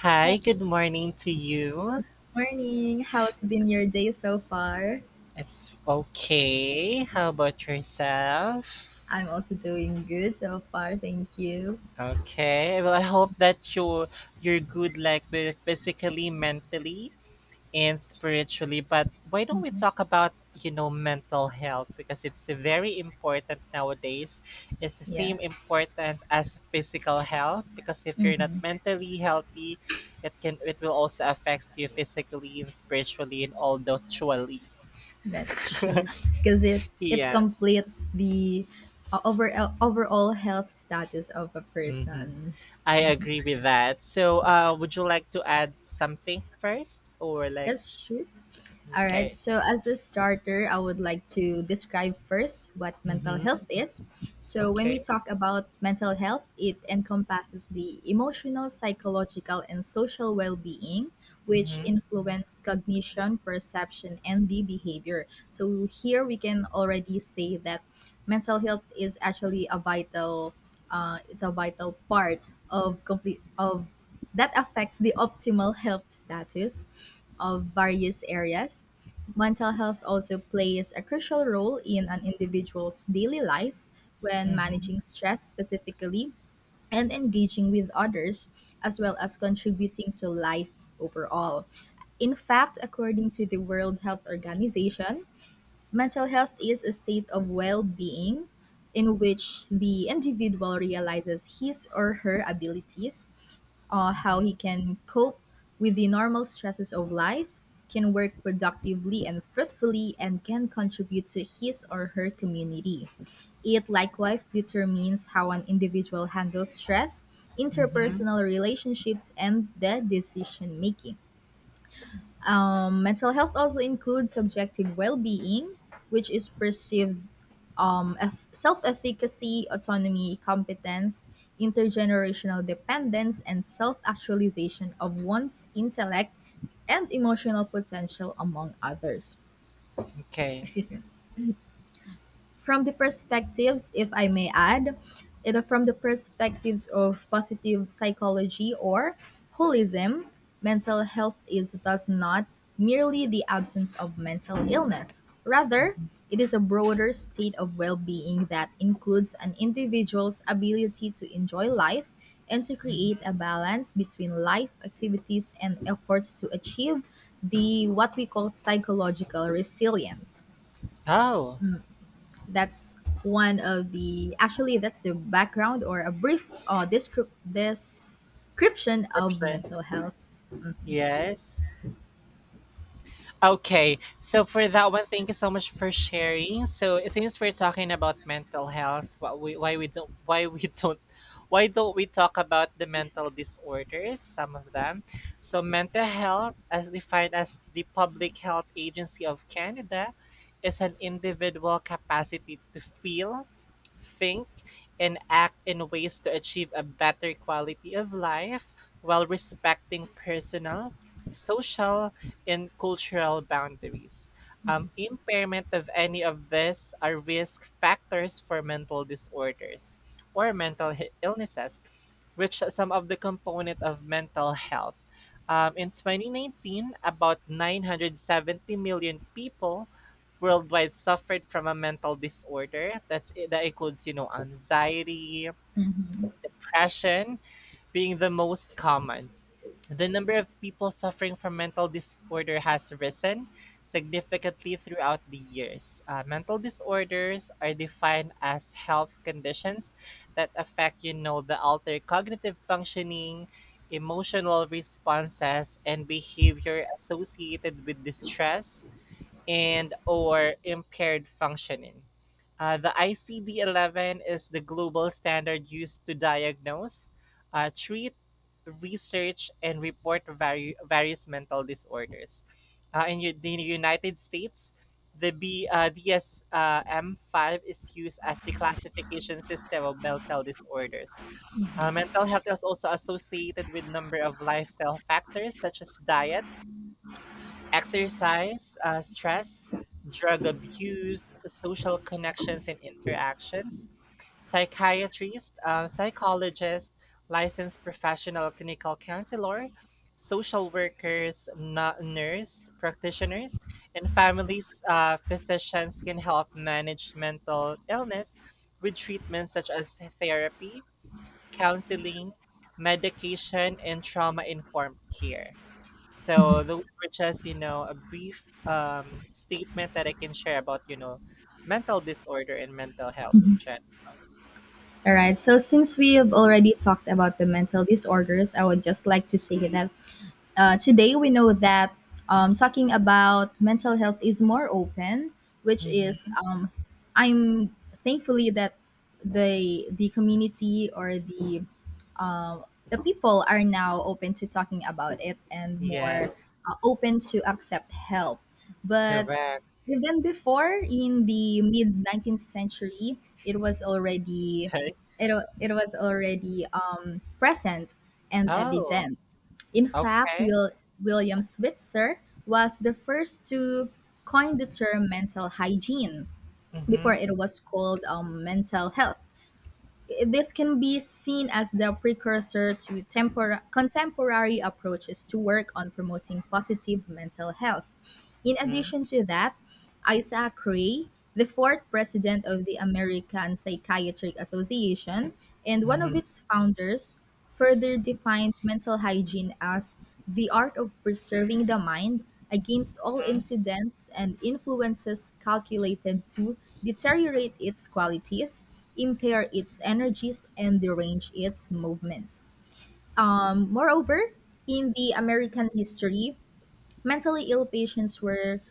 Hi, good morning to you. Morning. How's been your day so far? It's okay. How about yourself? I'm also doing good so far. Thank you. Okay. Well, I hope that you're good like with physically, mentally, and spiritually. But why don't we talk about, you know, mental health because it's very important nowadays. It's the same Yes. importance as physical health because if you're not Mm-hmm. mentally healthy, it will also affect you physically and spiritually and all the truly. That's true. Because it Yes. completes the overall health status of a Hmm. person. I agree with that. So, would you like to add something first, or like, That's true. All right. okay, So, as a starter, I would like to describe first what mental mm-hmm. health is. So, when we Okay, talk about mental health, it encompasses the emotional, psychological, and social well being, which mm-hmm. influence cognition, perception, and the behavior. So, here we can already say that mental health is actually a vital it's a vital part of complete of that affects the optimal health status of various areas. Mental health also plays a crucial role in an individual's daily life when Mm-hmm. managing stress specifically and engaging with others, as well as contributing to life overall. In fact, according to the World Health Organization, mental health is a state of well being in which the individual realizes his or her abilities, how Mm-hmm. he can cope with the normal stresses of life, can work productively and fruitfully, and can contribute to his or her community. It likewise determines how an individual handles stress, Mm-hmm. interpersonal relationships, and the decision making. Mental health also includes subjective well being, which is perceived, um, self efficacy, autonomy, competence, intergenerational dependence, and self actualization of one's intellect and emotional potential, among others. Okay. Excuse me, from the perspectives, if I may add, from the perspectives of positive psychology or holism, mental health is thus not merely the absence of mental illness. Rather, it is a broader state of well being that includes an individual's ability to enjoy life and to create a balance between life activities and efforts to achieve the what we call psychological resilience. Oh, That's one of the actually That's the background or a brief description of corruption. mental health. Yes. Okay, so for that one, thank you so much for sharing. So since we're talking about mental health, what we why we don't why we don't why don't we talk about the mental disorders, some of them? So mental health, as defined as the Public Health Agency of Canada, is an individual capacity to feel, think, and act in ways to achieve a better quality of life while respecting personal, social, and cultural boundaries. Impairment of any of this are risk factors for mental disorders or illnesses, which are some of the component of mental health. In 2019, about 970 million people worldwide suffered from a mental disorder. That's that includes, you know, anxiety, Mhm. depression being the most common. The number of people suffering from mental disorder has risen significantly throughout the years. Mental disorders are defined as health conditions that affect, you know, the alter cognitive functioning, emotional responses and behavior associated with distress and or impaired functioning. The ICD-11 is the global standard used to diagnose, treat, research, and report various mental disorders. In the United States, DSM-5 is used as the classification system of mental disorders. Mental health is also associated with number of lifestyle factors such as diet, exercise, stress, drug abuse, social connections and interactions, psychiatrist, psychologist, licensed professional clinical counselor, social workers, nurse practitioners, and families. Physicians can help manage mental illness with treatments such as therapy, counseling, medication, and trauma informed care. So those were just, you know, a brief statement that I can share about, you know, mental disorder and mental health in general. All right. So, since we have already talked about the mental disorders, I would just like to say that, today, we know that, talking about mental health is more open, which is, Hmm. I'm thankfully that the community or um, the people are now open to talking about it and more Yes, open to accept help. But correct. even before in the mid 19th century, it was already Okay. It was already, present and Oh, evident. In fact, okay. William Switzer was the first to coin the term mental hygiene before Mm-hmm. it was called, mental health. This can be seen as the precursor to contemporary approaches to work on promoting positive mental health. In Mm-hmm. addition to that, Isaac Ray, the fourth president of the American Psychiatric Association and one of Mm-hmm. its founders, further defined mental hygiene as the art of preserving the mind against all incidents and influences calculated to deteriorate its qualities, impair its energies, and derange its movements. Moreover, in the American history, mentally ill patients were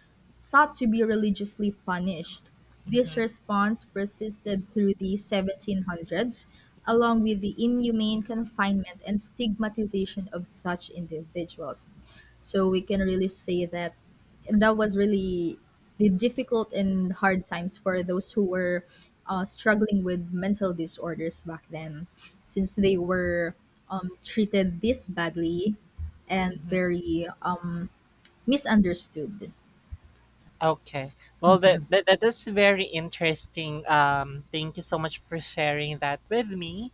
thought to be religiously punished. This Mm-hmm. response persisted through the 1700s, along with the inhumane confinement and stigmatization of such individuals. So we can really say that that was really the difficult and hard times for those who were struggling with mental disorders back then, since they were treated this badly and Mm-hmm. very, misunderstood. Okay. Well, that is very interesting. Thank you so much for sharing that with me.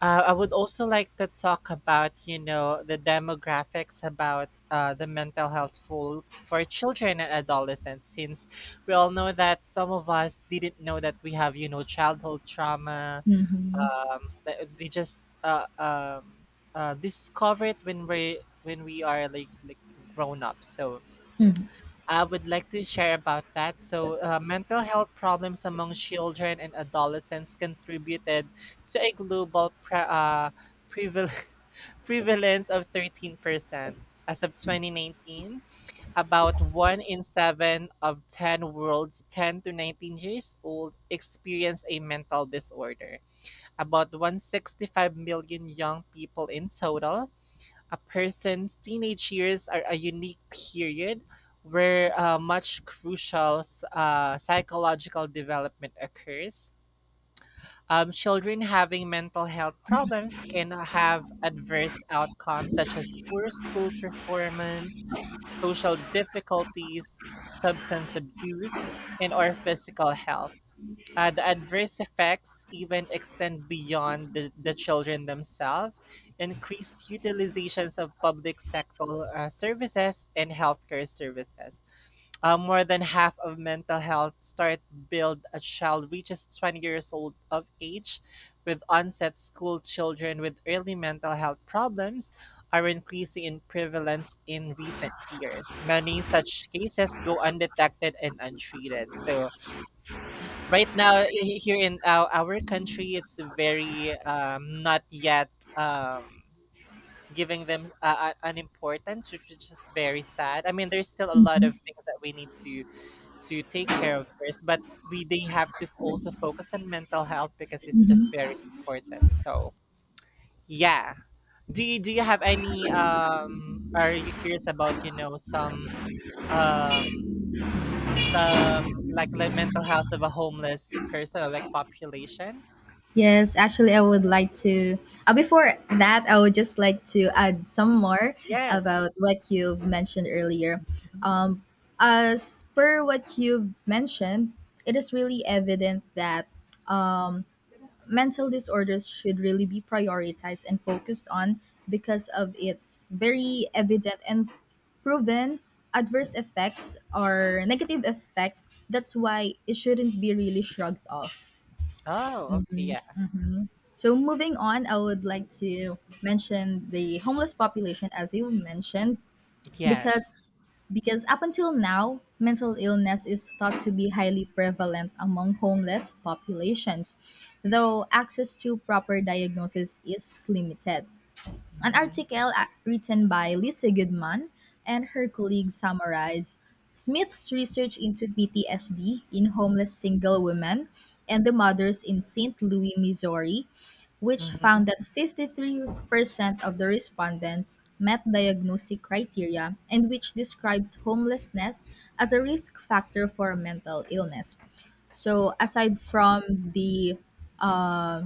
I would also like to talk about, you know, the demographics about the mental health for children and adolescents, since we all know that some of us didn't know that we have, you know, childhood trauma. Mhm. That we just discover it when we are like grown up. So I would like to share about that. So, mental health problems among children and adolescents contributed to a global pre- preval- prevalence of 13%. As of 2019, about one in seven of 10 world's 10 to 19 years old experience a mental disorder. About 165 million young people in total, a person's teenage years are a unique period where much crucial psychological development occurs. Children having mental health problems can have adverse outcomes such as poor school performance, social difficulties, substance abuse, and or physical health. The adverse effects even extend beyond the children themselves. Increased utilizations of public sector services and healthcare services. More than half of mental health start build a child reaches 20 years old of age, with onset school children with early mental health problems are increasing in prevalence in recent years. Many such cases go undetected and untreated. So right now, here in our country, it's very not yet giving them an importance, which is just very sad. I mean, there's still a lot Mhm, of things that we need to take care of first, but we they have to also focus on mental health because it's just mhm. very important. So yeah, do you have any, um, are you curious about, you know, some, um, some like mental health of a homeless person or like population? Yes, actually, I would like to. Before that, I would just like to add some more about Yes. what you mentioned earlier. Um, as per what you mentioned, it is really evident that, um, mental disorders should really be prioritized and focused on because of its very evident and proven adverse effects or negative effects. That's why it shouldn't be really shrugged off. Oh, okay, yeah. Mhm. So, moving on, I would like to mention the homeless population, as you mentioned, because Yes. Because up until now, mental illness is thought to be highly prevalent among homeless populations, though access to proper diagnosis is limited. An Mhm. article written by Lisa Goodman and her colleagues summarized Smith's research into PTSD in homeless single women and the mothers in St. Louis, Missouri, which found Mhm. that 53% of the respondents met diagnostic criteria, and which describes homelessness as a risk factor for mental illness. So, the uh,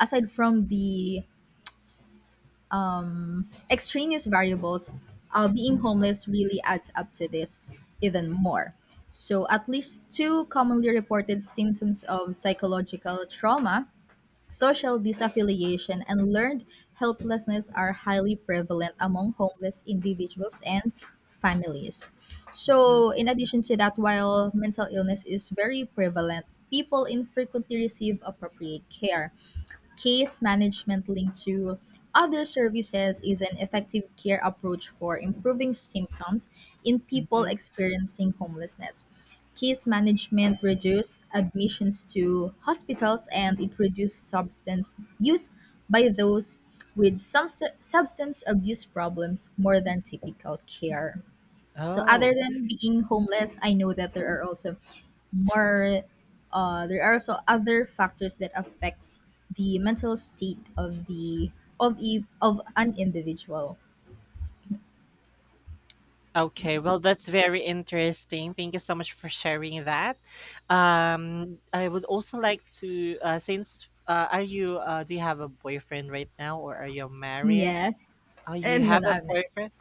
aside from the extraneous variables, being homeless really adds up to this even more. So, at least two commonly reported symptoms of psychological trauma, social disaffiliation, and learned helplessness are highly prevalent among homeless individuals and families. Mhm. So, in addition to that, while mental illness is very prevalent, people infrequently receive appropriate care. Case management linked to other services is an effective care approach for improving symptoms in people Mhm. experiencing homelessness. Case management reduced admissions to hospitals, and it reduced substance use by those with some substance abuse problems more than typical care. So other Oh, than being homeless, I know that there are also, more there are also other factors that affects the mental state of of an individual. okay. Well, that's very interesting. Thank you so much for sharing that. I would also like to, since are you, do you have a boyfriend right now or are you married? Yes. Oh, you And no, have no, a I'm not. boyfriend?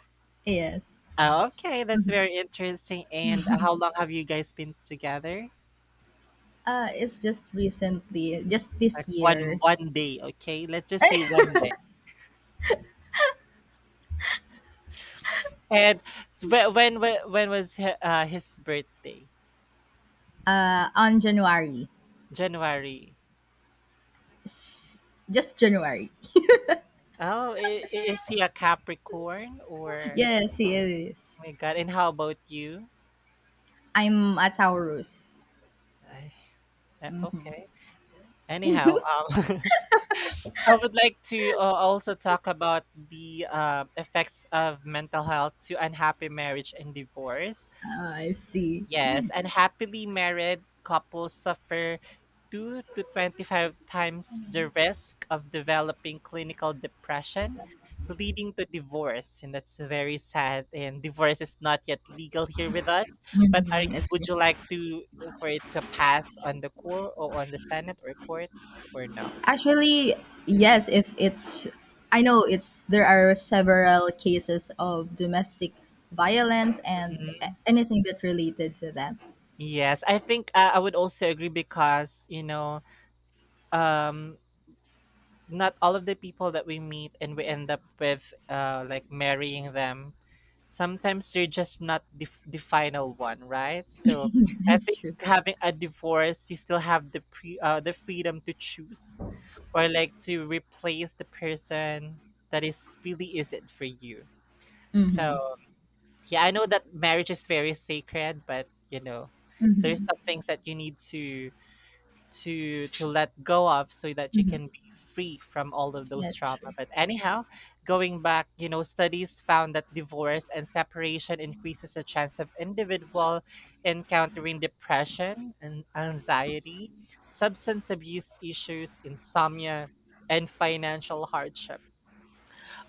Yes. Oh, okay, that's very interesting. And how long have you guys been together? It's just recently, just this Like one year, one day, okay? Let's just say one day. And when was his birthday? On January, January. just January. Oh, is he a Capricorn or? Yes, it is. Oh my God! And how about you? I'm a Taurus. Ay, okay. Anyhow, I would like to also talk about the effects of mental health to unhappy marriage and divorce. I see. Yes, and happily married couples suffer 2 to 25 times the risk of developing clinical depression, leading to divorce. And that's very sad. And divorce is not yet legal here with us. But are, Mm-hmm. would you like to, for it to pass on the court or on the Senate or court or no? Actually, yes, if it's I know it's there are several cases of domestic violence and Mhm. anything that related to that. Yes, I think I would also agree because, you know, um, not all of the people that we meet and we end up with, like marrying them, sometimes they're just not the final one, right? So I It's think true. having a divorce, you still have the freedom to choose or like to replace the person that is really isn't for you. Mhm. So yeah, I know that marriage is very sacred, but you know, there's Mhm. some things that you need to let go of so that you Mhm. can be free from all of those That's true. trauma. But anyhow, going back, you know, studies found that divorce and separation increases the chance of individual encountering depression and anxiety, substance abuse issues, insomnia, and financial hardship.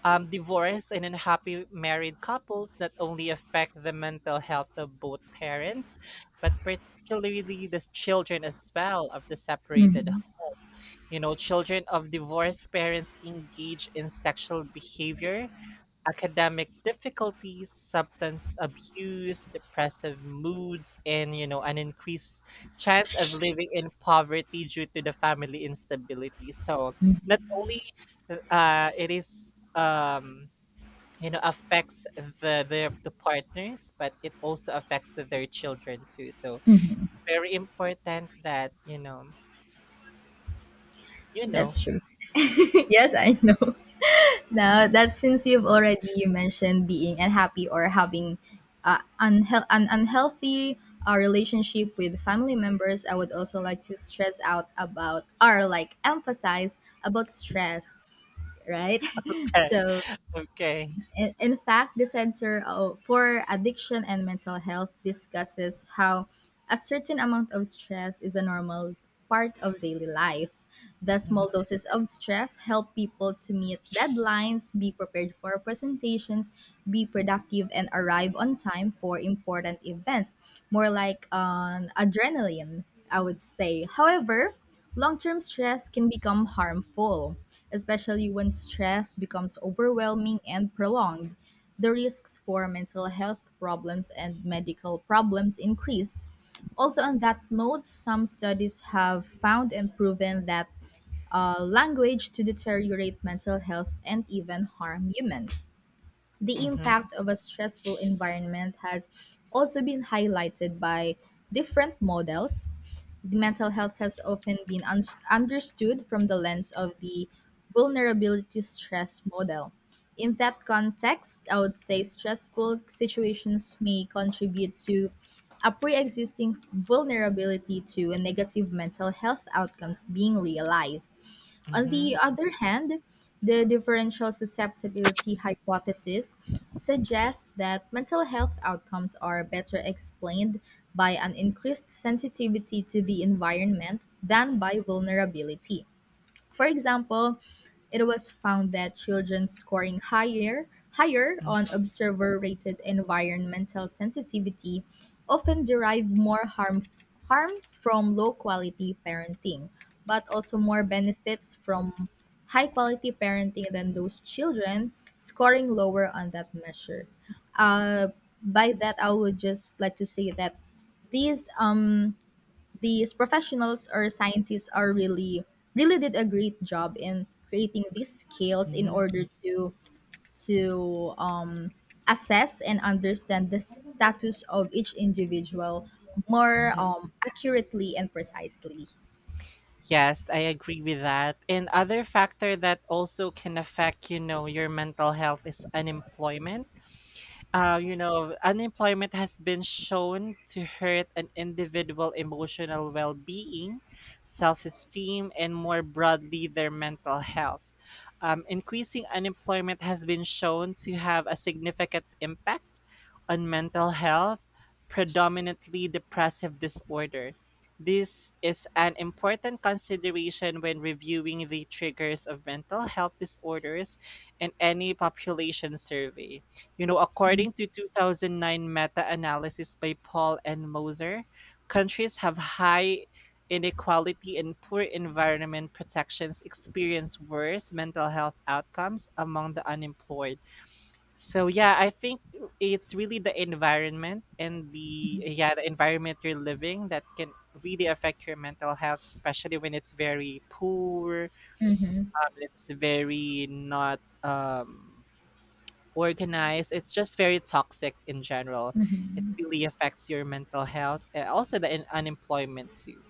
Divorce and unhappy married couples not only affect the mental health of both parents, but particularly the children as well of the separated Mhm. home. You know, children of divorced parents engage in sexual behavior, academic difficulties, substance abuse, depressive moods, and, you know, an increased chance of living in poverty due to the family instability. So not Mhm. only it is, you know, affects the partners, but it also affects their children too. So it's very important that, you know. That's true. Yes, I know. Now that Since you've already mentioned being unhappy or having, an unhealthy, relationship with family members, I would also like to stress out about, or like, emphasize about stress, right? Okay, So okay. in fact, the Center for Addiction and Mental Health discusses how a certain amount of stress is a normal part of daily life. The small Mhm, doses of stress help people to meet deadlines, be prepared for presentations, be productive, and arrive on time for important events. More like an adrenaline, I would say. However, long term stress can become harmful, especially when stress becomes overwhelming and prolonged. The risks for mental health problems and medical problems increased. Also, on that note, some studies have found and proven that, language to deteriorate mental health and even harm humans. The mhm, impact of a stressful environment has also been highlighted by different models. Mental health has often been understood from the lens of the vulnerability stress model. In that context, I would say stressful situations may contribute to a pre existing vulnerability to a negative mental health outcomes being realized. On the mhm, other hand, the differential susceptibility hypothesis suggests that mental health outcomes are better explained by an increased sensitivity to the environment than by vulnerability. For example, it was found that children scoring higher on mhm, observer rated environmental sensitivity often derive more harm from low quality parenting, but also more benefits from high quality parenting than those children scoring lower on that measure. uh, by that, I would just like to say that these um these professionals or scientists are really did a great job in creating these scales in mhm, order to assess and understand the status of each individual more, mhm. Accurately and precisely. Yes, I agree with that. And other factor that also can affect, you know, your mental health is unemployment. You know, unemployment has been shown to hurt an individual emotional well being, self esteem, and more broadly, their mental health. Increasing unemployment has been shown to have a significant impact on mental health, predominantly depressive disorder. This is an important consideration when reviewing the triggers of mental health disorders in any population survey. You know, according to 2009 meta-analysis by Paul and Moser, countries have high inequality and poor environment protections experience worse mental health outcomes among the unemployed. So yeah, I think it's really the environment and the, yeah, the environment you're living that can really affect your mental health, especially when it's very poor, Mhm. It's very not organized. It's just very toxic in general. It really affects your mental health. And also, the unemployment too.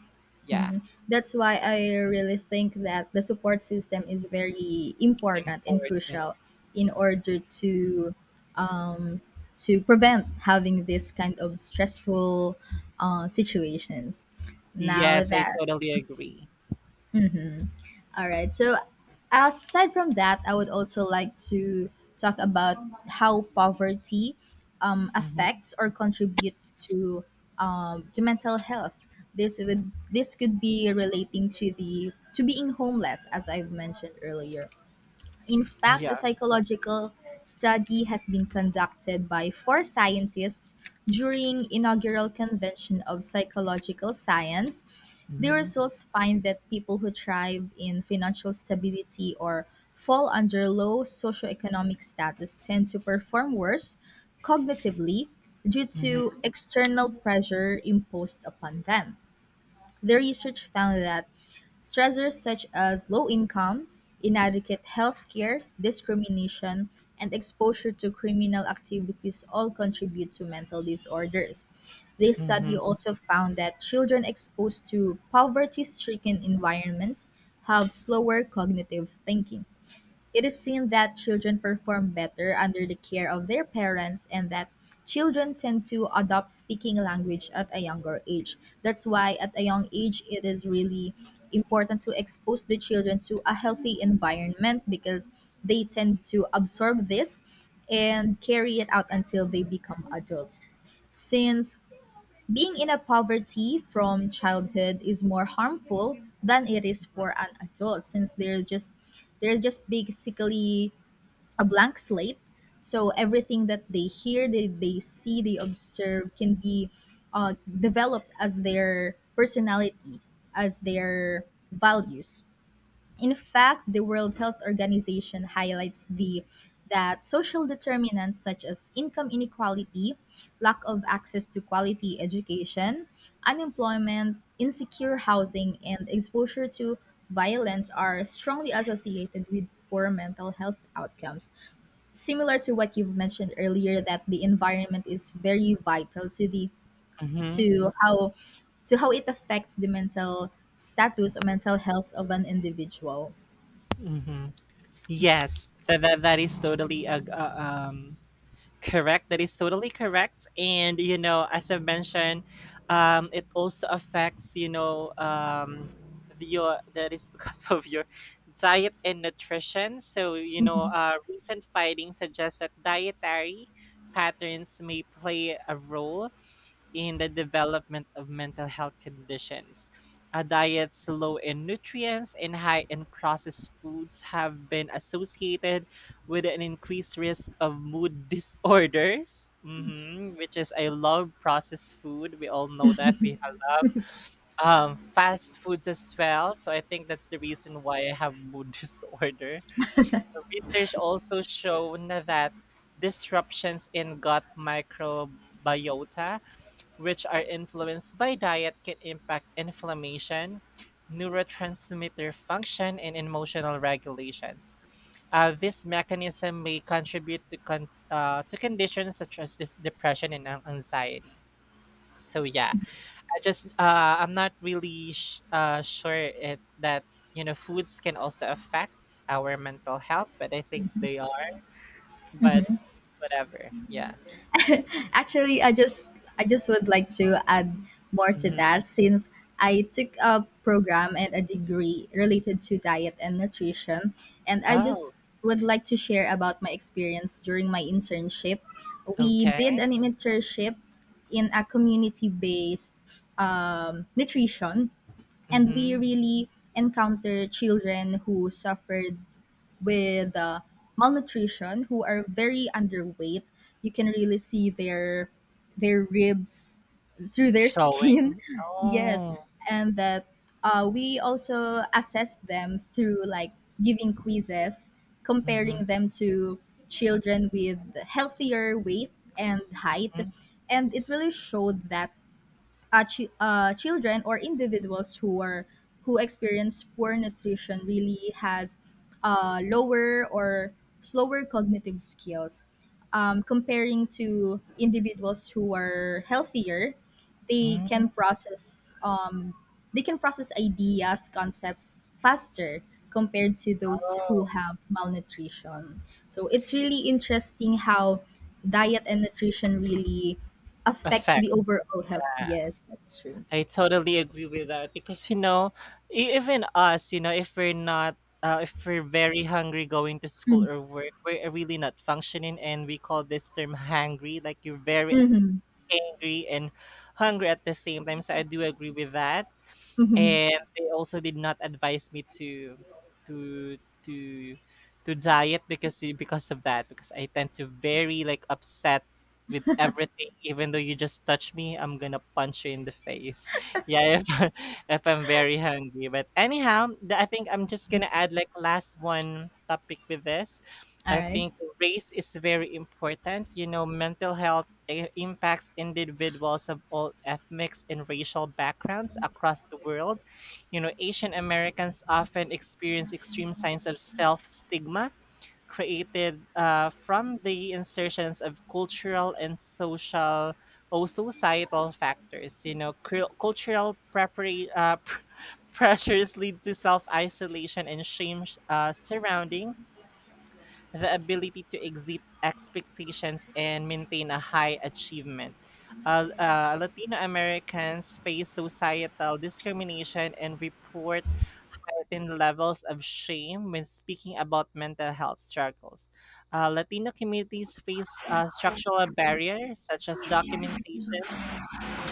Yeah, That's why I really think that the support system is very important and important. crucial in order um, to prevent having this kind of stressful, situations. Now Yes, I that totally agree. All right. So, aside from that, I would also like to talk about how poverty, Mm-hmm. affects or contributes to mental health. This could be relating to being homeless, as I've mentioned earlier. In fact, a Yes. psychological study has been conducted by four scientists during inaugural convention of psychological science. The Mm-hmm. results find that people who thrive in financial stability or fall under low socioeconomic status tend to perform worse cognitively due Mm-hmm. to external pressure imposed upon them. Their research found that stressors such as low income, inadequate health care, discrimination, and exposure to criminal activities all contribute to mental disorders. This study also found that children exposed to poverty stricken environments have slower cognitive thinking. It is seen that children perform better under the care of their parents, and that children tend to adopt speaking language at a younger age. That's why at a young age it is really important to expose the children to a healthy environment, because they tend to absorb this and carry it out until they become adults, since being in a poverty from childhood is more harmful than it is for an adult, since they're just, basically a blank slate. So everything that they hear, they see, they observe can be, developed as their personality, as their values. In fact, the World Health Organization highlights the that social determinants such as income inequality, lack of access to quality education, unemployment, insecure housing, and exposure to violence are strongly associated with poor mental health outcomes. Similar to what you've mentioned earlier, that the environment is very vital to the Mm-hmm. to how it affects the mental status or mental health of an individual. Mm-hmm. Yes, that is totally a correct. That is totally correct. And you know, as I mentioned, it also affects, you know, the- your that is because of your diet and nutrition. So you know, Mm-hmm. Recent findings suggest that dietary patterns may play a role in the development of mental health conditions. A diet low in nutrients and high in processed foods have been associated with an increased risk of mood disorders, mhm, which is I love processed food. We all know that. We love fast foods as well. So I think that's the reason why I have mood disorder. Research also shown that disruptions in gut microbiota, which are influenced by diet, can impact inflammation, neurotransmitter function, and emotional regulations. This mechanism may contribute to, to conditions such as this depression and anxiety. So yeah, I just I'm not really sure it, that, you know, foods can also affect our mental health, but I think they are. But whatever, yeah. Actually, I just would like to add more to Hmm. that, since I took a program and a degree related to diet and nutrition, and I Oh, just would like to share about my experience during my internship. We okay. did an internship in a community-based, nutrition, and we Mm-hmm. really encounter children who suffered with, malnutrition, who are very underweight. You can really see their ribs through their skin. Showing? Yes, Oh. and that, we also assess them through like giving quizzes, Mhm, comparing them to children with healthier weight and height, mm and it really showed that, children or individuals who experience poor nutrition really has, lower or slower cognitive skills, comparing to individuals who are healthier. They mm, can process, ideas, concepts faster compared to those who oh, have malnutrition. So it's really interesting how diet and nutrition really affects effect. the overall health. Yeah, Yes, that's true. I totally agree with that because, you know, even us, you know, if we're not if we're very hungry going to school or work, we're really not functioning, and we call this term hangry. Like you're very Mm-hmm. angry and hungry at the same time. So I do agree with that. And they also did not advise me to to to diet because of that because I tend to very like upset with everything even though you just touch me I'm gonna punch you in the face yeah if, if I'm very hungry. But anyhow, I think I'm just gonna add like last one topic with this. I think race is very important. You know, mental health impacts individuals of all ethnic and racial backgrounds across the world. You know, Asian Americans often experience extreme signs of self stigma created from the insertions of cultural and social or societal factors. You know, cultural pressures lead to self isolation and shame surrounding the ability to exceed expectations and maintain a All high achievement. Latino Americans face societal discrimination and report certain levels of shame when speaking about mental health struggles. Latino communities face structural barriers such as documentations,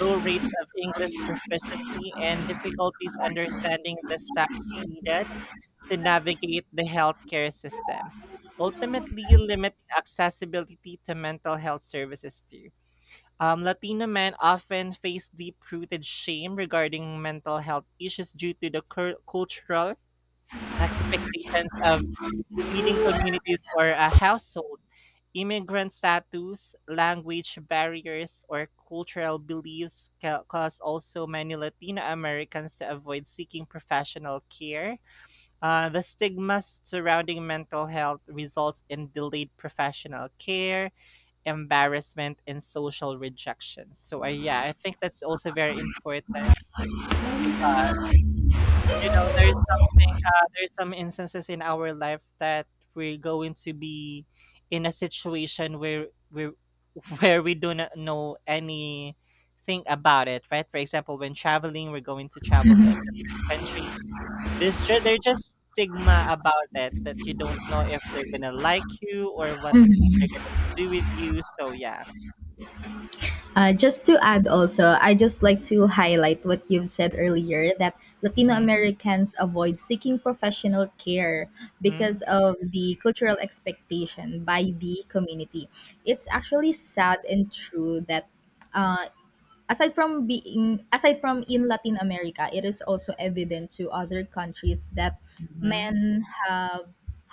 low rates of English proficiency, and difficulties understanding the steps needed to navigate the healthcare system, ultimately limiting accessibility to mental health services too. Latino men often face deep rooted shame regarding mental health issues due to the cultural expectations of leading communities or a household immigrant status, language barriers, or cultural beliefs cause also many Latino Americans to avoid seeking professional care. The stigma surrounding mental health results in delayed professional care, embarrassment, and social rejection. So, yeah, I think that's also very important because you know there's something, there's some instances in our life that we're going to be in a situation where we where we do not know anything about it, right? For example, when traveling, we're going to travel to a different country, there's there's just stigma about it that you don't know if they're gonna like you or what right. they're gonna do with you. So yeah. Just to add also, I just like to highlight what you've said earlier, that Latino Mm-hmm. Americans avoid seeking professional care because of the cultural expectation by the community. It's actually sad and true that, uh, aside from in Latin America, it is also evident to other countries that Mm-hmm. men have,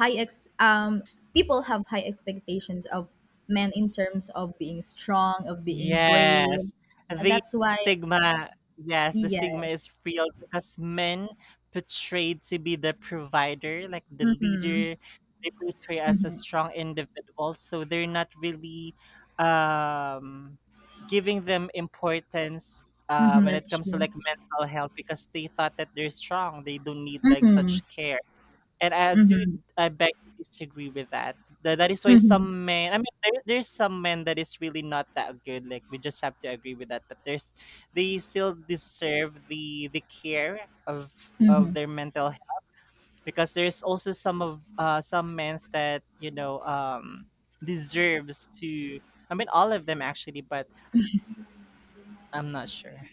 high ex- um people have high expectations of men in terms of being strong, of being brave. Yes, And the that's why, stigma, yes, the stigma yeah. is real because men portrayed to be the provider, like the Mhm. leader, they portray as a Mhm. strong individual, so they're not really um giving them importance Mhm, when it that's comes to true. like mental health because they thought that they're strong, they don't need like Mhm. such care. And I Mhm. do, I beg to disagree with that. That is why Mhm. some men. I mean, there's some men that is really not that good. Like we just have to agree with that. But there's, they still deserve the care of Mhm. their mental health because there's also some of some men's that you know deserves to. I mean, all of them actually, but I'm not sure.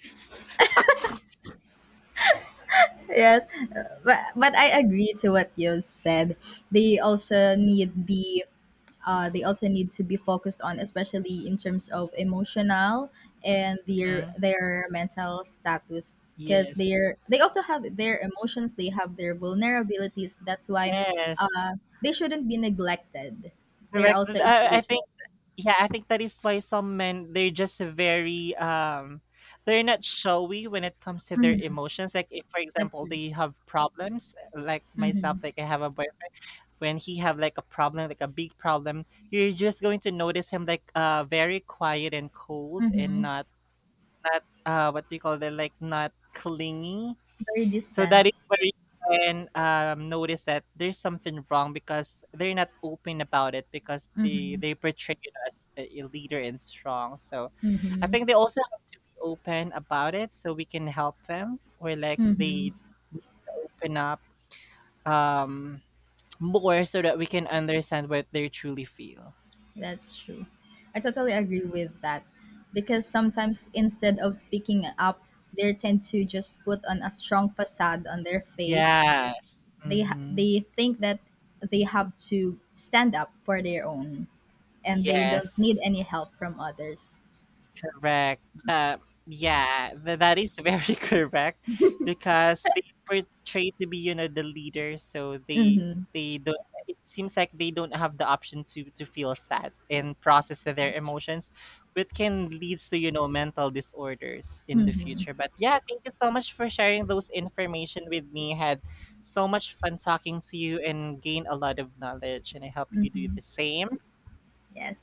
Yes, but I agree to what you said. They also need the they also need to be focused on, especially in terms of emotional and their Mhm. their mental status, because Yes. They also have their emotions, they have their vulnerabilities. That's why, Yes. uh, they shouldn't be neglected. They're Correct. also I individual. think, yeah, I think that is why some men they're just very they're not showy when it comes to their Mhm, emotions. Like if for that's example true. they have problems, like myself, Mm-hmm, like I have a boyfriend, when he have like a problem, like a big problem, you're just going to notice him like very quiet and cold and mm-hmm. not what do you call it, like not clingy, Very so that distant. is where you can notice that there's something wrong because they're not open about it because they Mm-hmm, they portray you as a leader and strong. So I mm-hmm, think they also have to be open about it so we can help them or like mm-hmm. they need to open up, um, more so that we can understand what they truly feel. That's true. I totally agree with that. Because sometimes, instead of speaking up, they tend to just put on a strong facade on their face. Yes. Hmm. They think that they have to stand up for their own, and they don't need Yes. any help from others. Correct. Yeah, that is very correct because they portray to be, you know, the leader, so Mhm. they don't. It seems like they don't have the option to feel sad and process their That's true. emotions, which can lead to you know mental disorders in the future. But yeah, thank you so much for sharing those information with me. Had so much fun talking to you and gain a lot of knowledge, and I hope you do Mhm. the same. Yes.